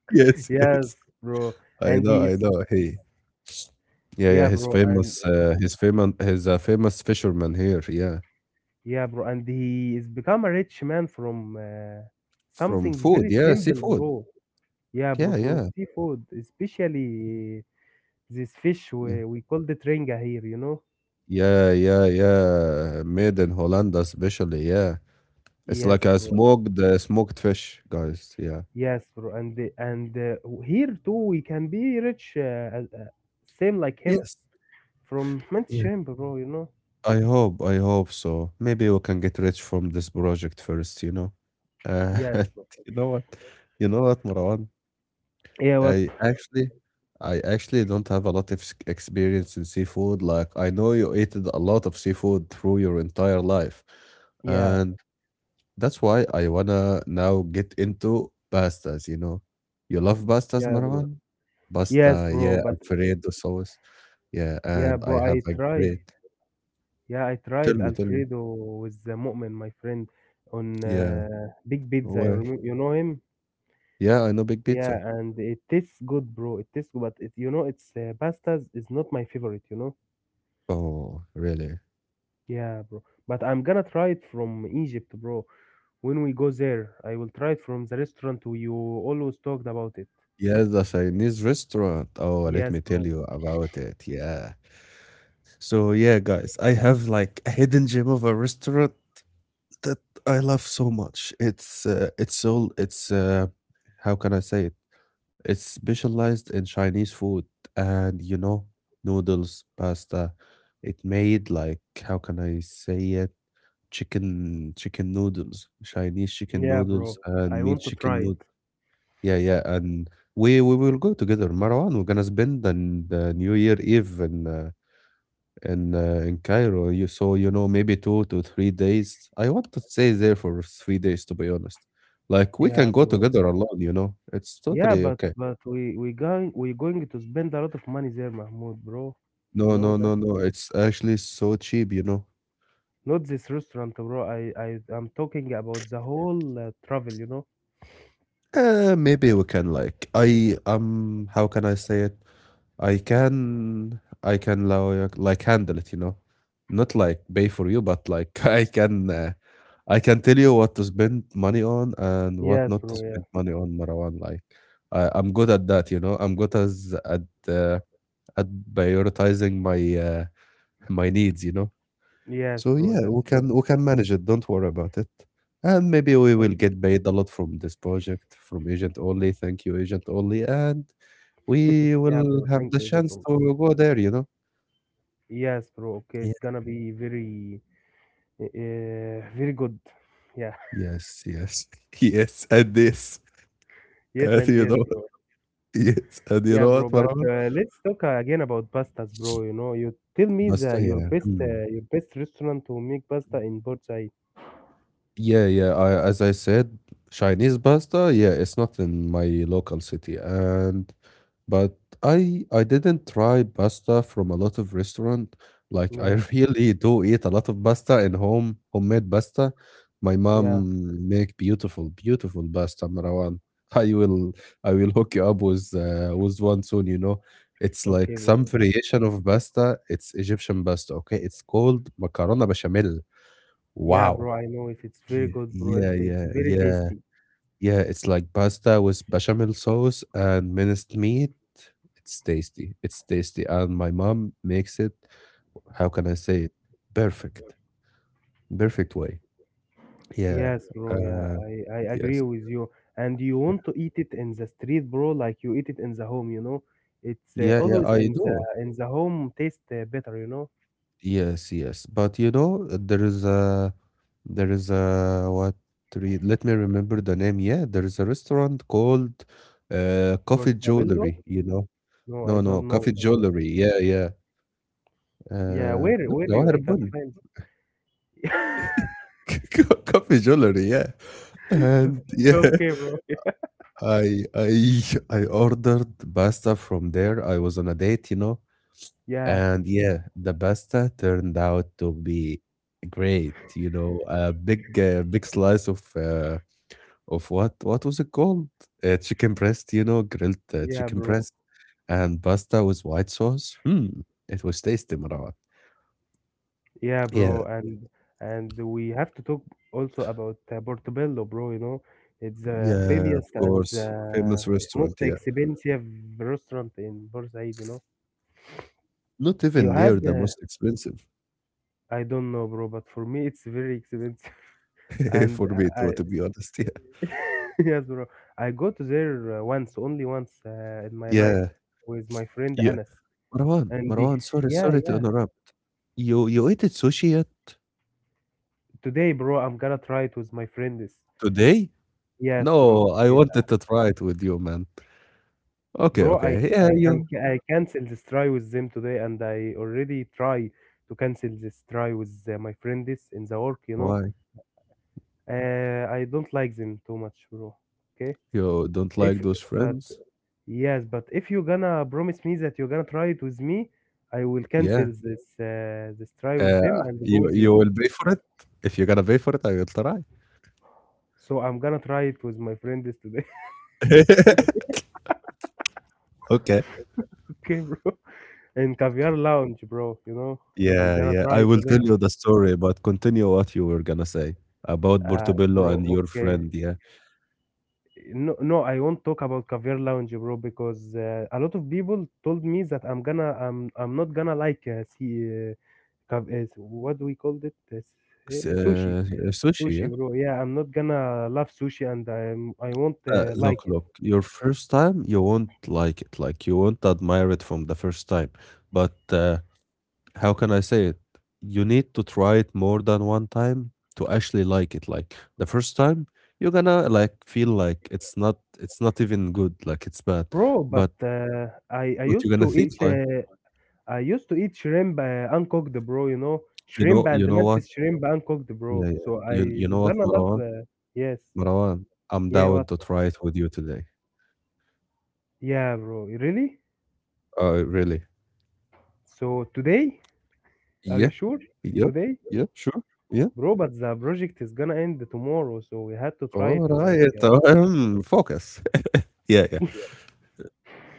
Yes, yes.
Yes, bro.
I
And
know,
he
I know.
is
Hey, yeah, yeah,
yeah,
he's
bro. And
famous. He's famous. He's a famous fisherman here. Yeah,
yeah, bro. And he is become a rich man from
from
something
food.
very
Yeah,
simple,
seafood.
bro. Yeah,
Yeah,
bro.
yeah,
From seafood, especially this fish
yeah,
we call the ringa here. You know.
yeah, yeah, yeah. Made in Holland, especially. Yeah, it's like
Yes,
a
bro.
smoked fish, guys. Yeah.
Yes, bro. And here too we can be rich, same like him.
Yes.
From Mantis
Yeah.
Shrimp, bro, you know?
I hope. I hope so. Maybe we can get rich from this project first. Uh, *laughs*
Yes, bro.
you know what? You know what, Marwan?
Yeah, what?
I actually I actually don't have a lot of experience in seafood. Like I know you ate a lot of seafood through your entire life.
Yeah,
And that's why I wanna now get into pastas, you know. You love pastas,
yeah, bro.
Marwan?
Yes,
Pasta, yeah,
bro, but
Alfredo sauce. Yeah, and
yeah,
I
bro,
have
I
a
tried.
great
Yeah, I
tell
tried
me, tell me.
Alfredo with the Mu'min, my friend, on
Yeah.
Big Pizza. You,
Where?
you know him?
Yeah, I know Big Pizza.
Yeah, and it tastes good, bro. It tastes good, but it, you know, it's pastas is not my favorite, you know?
Oh, really?
Yeah, bro. But I'm gonna try it from Egypt, bro. When we go there, I will try it from the restaurant you always talked about it.
Yes, the Chinese restaurant. Oh, let
Yes,
me tell
bro.
you about it. Yeah. So yeah, guys, I have like a hidden gem of a restaurant that I love so much. It's how can I say it? It's specialized in Chinese food and you know noodles, pasta. It made like how can I say it? Chicken noodles, Chinese chicken
Yeah, bro.
noodles and
I
meat
want to try
chicken noodles.
it.
Yeah, yeah, and we will go together, Marwan. We're gonna spend the New Year Eve in in Cairo. You saw, you know, maybe 2 to 3 days. I want to stay there for 3 days, to be honest. Like we can
Yeah,
go
bro. *laughs*
together alone, you know. It's
Yeah,
totally
but
okay.
but we going to spend a lot of money there, Mahmoud, bro. You
No,
know
no,
that?
no, no. It's actually so cheap, you know.
Not this restaurant, bro. I'm talking about the whole travel, you know?
Maybe we can like I how can I say it? I can like handle it, you know. Not like pay for you, but like *laughs* I can tell you what to spend money on and what
Yes,
not to
bro. Yeah.
spend money on Marwan. Like I'm good at that, you know. I'm good as at uh, at prioritizing my my needs, you know.
Yes,
So
bro.
yeah, we
That's good.
can we can manage it. Don't worry about it. And maybe we
Oh,
will get paid a lot from this project from Agent Only. Thank you, Agent Only. And we
yeah, bro.
will have
Thank
the
you,
chance
Jadon.
to go there, you know?
Yes, bro. Okay,
Yeah.
it's gonna be very good. Yeah. *laughs*
Yes, yes, *laughs* yes, and this,
Yes,
and
and
you
yes,
know,
bro.
*laughs* yes, and you
Yeah,
know
bro.
what,
But
Marwan?
let's talk again about pastas, bro. You know, you tell me
But
the
yeah, hmm.
your best restaurant to make pasta in Bursa.
Yeah, yeah. As I said, Chinese pasta, yeah, it's not in my local city. And but I didn't try pasta from a lot of restaurant. Like I
Yeah,
*laughs* really do eat a lot of pasta in home, homemade pasta. My
yeah.
mom make beautiful, beautiful pasta, Marwan. *laughs* I will I will hook you up with one soon, you know. It's
Okay,
like
bro.
some variation of pasta. It's Egyptian pasta, okay? It's called macarona bechamel.
Yeah, bro.
Wow.
I know if it's very
Yeah,
good, bro, and
yeah,
it's
yeah,
very
yeah,
tasty.
yeah. It's like pasta with bechamel sauce and minced meat. It's tasty. It's tasty. And my mom makes it, how can I say it? Perfect. Perfect way. Yeah.
Yes, bro. Yeah,
Uh,
I agree
yes.
with you. And you
Yeah,
want to eat it in the street, bro, like you eat it in the home. You know, it's
yeah, yeah,
always
I do.
in the home taste better. You know,
Yes, yes. But you know, there is a, what, re- let me remember the name. Yeah, there is a restaurant called Coffee
portabello.
Jewelry, you know.
No, I
No, no,
don't know,
Coffee
bro.
Jewelry. Yeah, yeah.
Yeah,
No,
where you
Jawahar
I can
Bund.
find. *laughs*
*laughs* Coffee jewelry, yeah.
*laughs* 'Cause-
And yeah,
Okay, bro.
I I I ordered pasta from there. I was on a date, you know,
Yeah,
and yeah, the pasta turned out to be great. You know, a big big slice of what was it called? Chicken breast, you know, grilled
yeah,
chicken
bro.
breast, and pasta with white sauce. Hmm, it was tasty, Marat.
Yeah,
Yeah,
bro. And we have to talk also about Portobello, bro. You know, it's the
yeah, of
famous and
course, famous
the
restaurant,
most
yeah.
expensive restaurant in Bursaid. You know,
Not
you
even near
had
the most expensive
I don't know, bro, but for me it's very expensive. *laughs*
*laughs*
And
for me
I
to be honest, yeah.
*laughs* yes, bro. I go to there once, only once in my life
Yeah,
with my friend
yeah.
Anas. And
Marwan, sorry,
yeah,
sorry to
yeah.
interrupt. You ate sushi yet?
Today, bro, I'm gonna try it with my friends.
Today?
Yes, bro.
No, I
Yeah.
wanted to try it with you, man. Okay,
Bro,
okay. Yeah,
I can
you
I cancel this try with them today, and I already try to cancel this try with my friend this in the work, you know.
Why?
I don't like them too much, bro. Okay?
You don't like
If
those
but
friends?
yes, but if you gonna promise me that you're gonna try it with me, I will cancel
Yeah.
this this try with them
Uh,
and go
you
with
you
you.
will pay for it? If you're gonna pay for it, I will try.
So I'm gonna try it with my friend this today,
*laughs* Okay.
*laughs* okay, bro? In Caviar Lounge, bro, you know. I'm
Yeah,
gonna
yeah.
try
I
it
will
today.
tell you the story, but continue what you were gonna say about Portobello
Bro,
and your
okay.
friend. Yeah.
No, no, I won't talk about Caviar Lounge, bro, because a lot of people told me that I'm not gonna like uh, what do we call it? Sushi,
Sushi,
sushi,
yeah.
bro. Yeah, I'm not gonna love sushi, and I won't like
Look,
it,
look, your first time, you won't like it. Like, you won't admire it from the first time. But how can I say it? You need to try it more than one time to actually like it. Like the first time, you're gonna like feel like it's not even good, like it's bad.
bro. But
But
I
but you're
used
gonna
to eat,
think like,
uh, I used to eat shrimp uncooked, bro. You know, shrimp and
you know what?
mantis shrimp uncooked, bro.
Yeah, yeah.
So I
You know what,
gonna love,
Marwan?
yes,
Marwan, I'm
yeah,
down
what,
to try it with you today.
yeah, bro, really.
Really?
So today. Are
Yeah,
you sure?
yeah,
Today?
yeah, sure. Yeah.
Bro, but the project is gonna end tomorrow, so we had to try it
All
like
right. Focus. *laughs* yeah, yeah.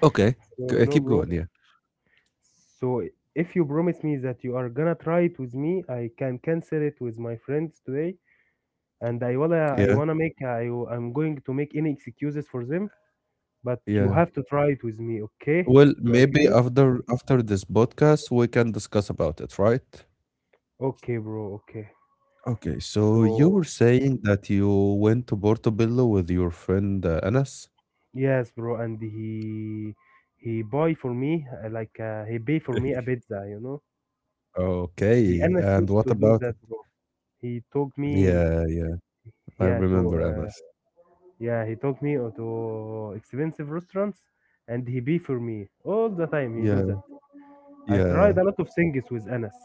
Okay.
so no
Keep
bro.
going. Yeah.
So if you promise me that you are gonna try it with me, I can cancel it with my friends today and
Yeah.
I'm going to make any excuses for them, but you
Yeah.
have to try it with me, okay?
Well,
You
maybe
agree?
after after this podcast, we can discuss about it, right?
Okay, bro, okay.
Okay, so you
So
were saying that you went to Portobello with your friend Anas?
yes, bro, and he buy for me like he pay for me a
*laughs*
pizza, you know? He
Okay,
Anas
and
used
what
to do
about it?
that, bro. He took me,
Yeah, yeah, I
yeah, to
remember
uh,
Anas.
yeah, he took me to expensive restaurants, and he be for me all the time. He do
Yeah,
that. I
yeah,
tried a lot of things with Anas,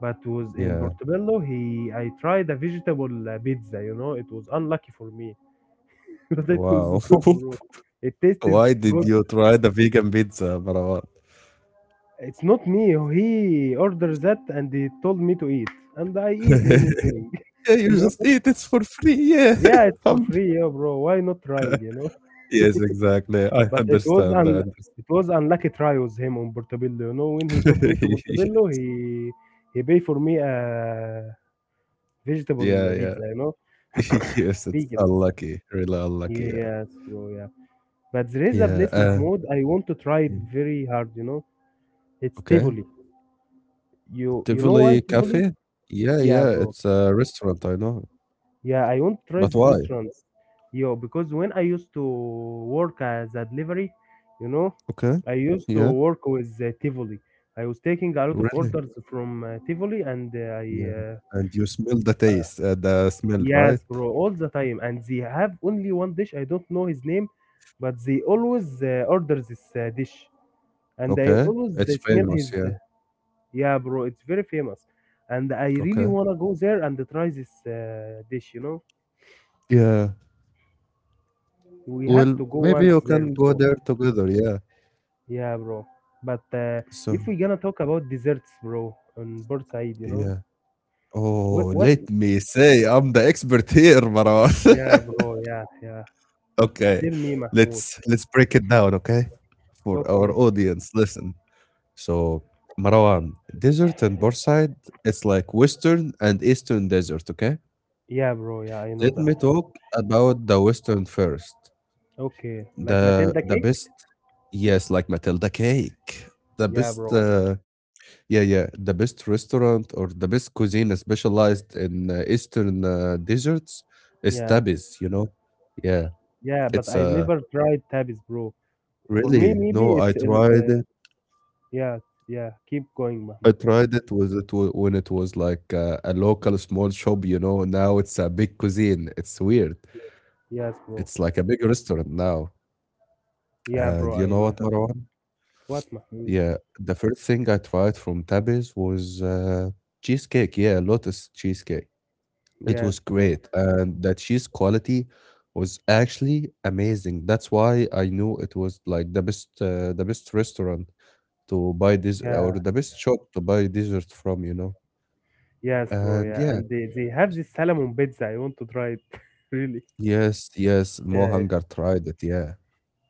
but was in
yeah.
Portobello. He I tried a vegetable pizza. You know, it was unlucky for me, *laughs* but it was
Wow.
good, bro. It
*laughs*
tastes
Why
*laughs*
did
good.
you try the vegan pizza, Marawat?
It's not me. He ordered that, and he told me to eat, and I eat anything.
*laughs* Yeah,
*laughs*
you
you know.
just eat it for free. Yeah. *laughs*
Yeah, it's for
Um,
free, yeah, bro. Why not trying, you know?
*laughs* yes, exactly. I
But it was
understand.
un
I understand.
it was unlucky try with him on Portobello. You know, when he took me to
*laughs*
Portobello, he paid for me a vegetable
Yeah, yeah.
pizza, you know,
*laughs* Yes,
*coughs*
it's
vegan.
unlucky, really unlucky, yeah.
Yes, bro, yeah. But there is a
Yeah,
place,
uh,
Mahmoud, I want to try it
yeah,
very hard, you know. It's
okay.
Tivoli. You know why
Tivoli
Tivoli?
Cafe? Yeah,
Yeah,
yeah,
bro.
it's a restaurant, I know.
Yeah, I want to try
But
these
why?
restaurants. Yo, because when I used to work as a delivery, you know,
Okay.
I used to
Yeah,
work with Tivoli. I was taking a lot of
really?
orders from Tivoli, and I
Yeah,
uh,
and you smell the taste, the smell, right?
yes, bro, all the time. And they have only one dish. I don't know his name, but they always order this dish, and I
Okay.
always
It's
smell
famous,
his.
yeah.
Yeah, bro, it's very famous, and I really
Okay.
wanna go there and try this dish. You know,
Yeah.
we have
Well,
to go
maybe you
once there,
can go
bro.
there together, yeah.
Yeah, bro. But
So,
if we're gonna talk about desserts, bro, on both side, you know,
yeah.
what,
Oh,
what?
let me say I'm the expert here, Marwan.
Yeah,
*laughs*
bro. Yeah, yeah.
Okay.
Tell me, Mahmoud.
Let's break it down, okay? For
Okay.
our audience. Listen. So Marwan, desert and Borside, it's like western and eastern desert, okay?
Yeah, bro. Yeah, I know
Let
that.
me talk about the western first.
Okay. Like Matilda
The
cake?
best yes, like Matilda cake. The
Yeah,
best
bro.
yeah, yeah, the best restaurant or the best cuisine specialized in eastern desserts is
Yeah,
Tabis, you know? Yeah.
yeah. But
It's a
I
uh,
never tried tabis, bro. For me,
really
maybe
no, I tried it.
yeah, yeah. Keep going,
I
Mahmoud.
tried it when it was like a local small shop, you know. Now it's a big cuisine. It's weird.
Yes, bro.
It's like a big restaurant now.
Yeah,
And
bro.
you
I
know
know
what,
that.
Marwan?
What, Mahmoud?
Yeah, the first thing I tried from Tabby's was cheesecake. Yeah, Lotus cheesecake. It
Yes,
was
bro.
great, and the cheese quality was actually amazing. That's why I knew it was like the best restaurant to buy this
Yeah,
or the best shop to buy dessert from, you know.
yes, bro.
And
Yeah,
yeah.
and they have this salmon pizza. I want to try it. *laughs* Really?
Yes, yes,
Yeah,
Mohanger tried it, yeah.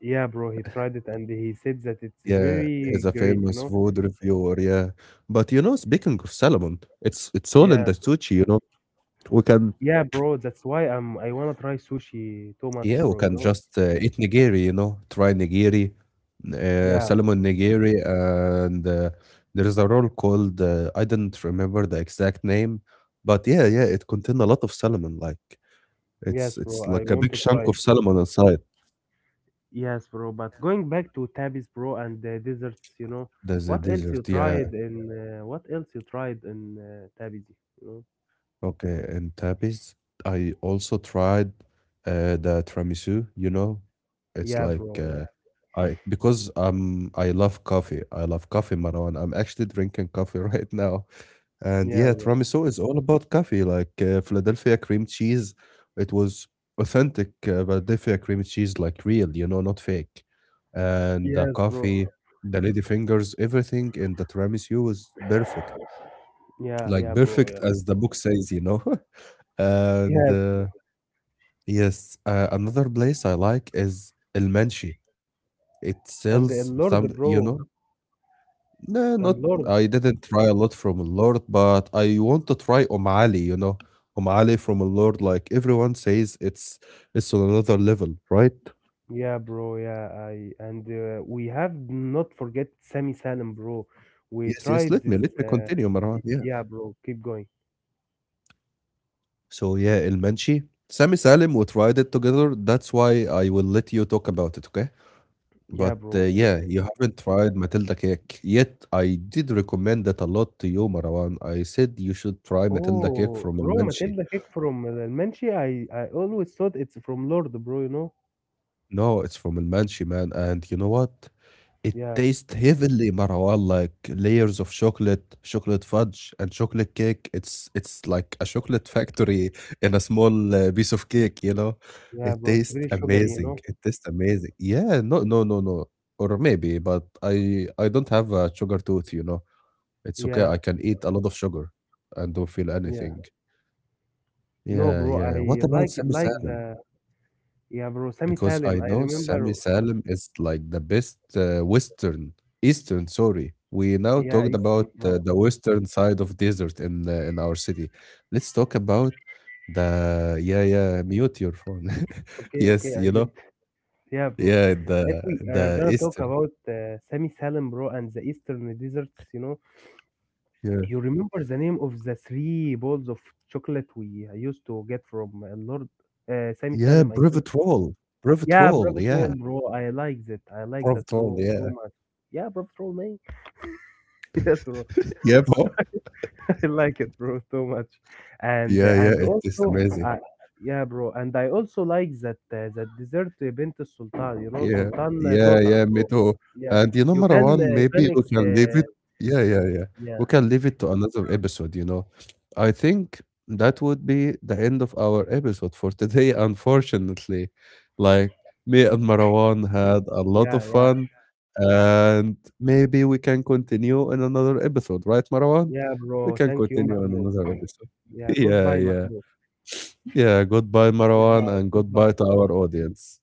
yeah, bro. He tried it and he said that it's
Yeah,
very
he's a
great, you
famous
know.
food reviewer, yeah. But you know, speaking of salmon, it's all in
Yeah,
the sushi, you know. We can,
yeah, bro. That's why I'm. I wanna try sushi too much,
yeah, we
bro. You
can
know.
just eat nigiri, you know, try nigiri,
Yeah,
salmon nigiri, and there is a roll called I didn't remember the exact name, but yeah, yeah, it contains a lot of salmon. Like
yes, bro.
it's
I
like a
want
big
to
chunk
try
of
it.
salmon inside.
Yes, bro. But going back to tabis, bro, and the desserts, you know.
There's a dessert, yeah.
What else you tried in tabis? You know.
Okay, and tapis. I also tried the tiramisu, you know. It's
Yeah,
like
bro.
I because I love coffee. I love coffee, Marwan. I'm actually drinking coffee *laughs* right now.
Yeah.
And
Yeah,
yeah,
bro.
tiramisu is all about coffee, like Philadelphia cream cheese. It was authentic Philadelphia cream cheese, like real, you know, not fake. And the
Yes, bro.
coffee, the lady fingers, everything in the tiramisu was perfect.
*sighs* Yeah,
Like
yeah, bro.
perfect
Yeah.
as the book says, you know. *laughs* And
Yes, bro.
yes, another place I like is El Manshi. It
And the
sells
Lord,
some,
bro.
you know. No,
And
not
Lord.
I didn't try a lot from Lord, but I want to try Om Ali, you know. Om Ali from Lord, like everyone says it's on another level, right?
Yeah, bro. Yeah, I and we have not forget Sami Salim, bro. We
Yes, yes,
tried this.
let me
Uh,
continue, Marwan. Yeah.
yeah, bro. Keep going.
So yeah, El Manshi. Sami Salim, we tried it together. That's why I will let you talk about it, okay?
Yeah,
But,
bro. Okay.
yeah, you haven't tried Matilda cake yet. I did recommend that a lot to you, Marwan. I said you should try Matilda cake
Oh,
from
bro,
Almanshi.
Matilda cake from Almanchi. I always thought it's from Lord, bro. You know.
No, it's from Almanshi, man. And you know what? It
Yeah,
tastes heavily, Marwan, like layers of chocolate, chocolate fudge, and chocolate cake. It's like a chocolate factory in a small piece of cake, you know?
yeah,
It
bro. It's
tastes
very sugary, you
amazing.
know.
It tastes amazing. Yeah, no, no, no, no. Or maybe, but I don't have a sugar tooth, you know. It's okay,
Yeah,
I can eat a lot of sugar and don't feel
yeah.
anything.
No,
Yeah,
bro.
yeah. What
I
about
like it.
Sami
Like
Salim?
the yeah, bro. Sami
Because
Salim.
I
I
know Sami
remember.
Salim is like the best Eastern, sorry. We now
Yeah,
talked
Eastern,
about
bro.
the Western side of desert in our city. Let's talk about the yeah, yeah. Mute your phone. *laughs*
Okay,
yes,
okay.
you
I
know.
did. Yeah, bro.
Yeah,
If we are
the
gonna talk
Eastern.
about Sami Salim, bro, and the Eastern deserts, you know,
Yeah,
you remember the name of the three balls of chocolate we used to get from Lord Sami
yeah.
Salim? I mean,
Brevet
yeah,
roll.
Bravo
Yeah,
Troll, bro. I like that. I like that
brevet roll.
so so
Yeah,
much. Yeah, Bravo Troll, man. *laughs* yes, bro.
*laughs* yeah, bro.
*laughs* I like it, bro, too much.
Yeah, yeah,
And
it is
also,
amazing.
uh, yeah, bro. And I also like that that dessert Bint Sultan. You know,
Yeah,
Sultan
yeah,
daughter,
yeah, me
bro.
too.
Yeah,
And you know,
you can uh,
Marwan,
you can
maybe we
ex-
can leave
uh,
it. Yeah, yeah, yeah.
yeah
We can leave it to another episode, you know. I think that would be the end of our episode for today, *laughs* unfortunately. Like, me and Marwan had a lot
yeah
of
yeah
fun, and maybe we can continue in another episode, right, Marwan?
yeah,
We
bro.
can
Thank you,
continue in
Mahmoud.
another episode. *laughs*
Yeah,
Yeah,
goodbye,
yeah.
Mahmoud.
Yeah, goodbye, Marwan,
Goodbye,
and goodbye
goodbye.
to our audience.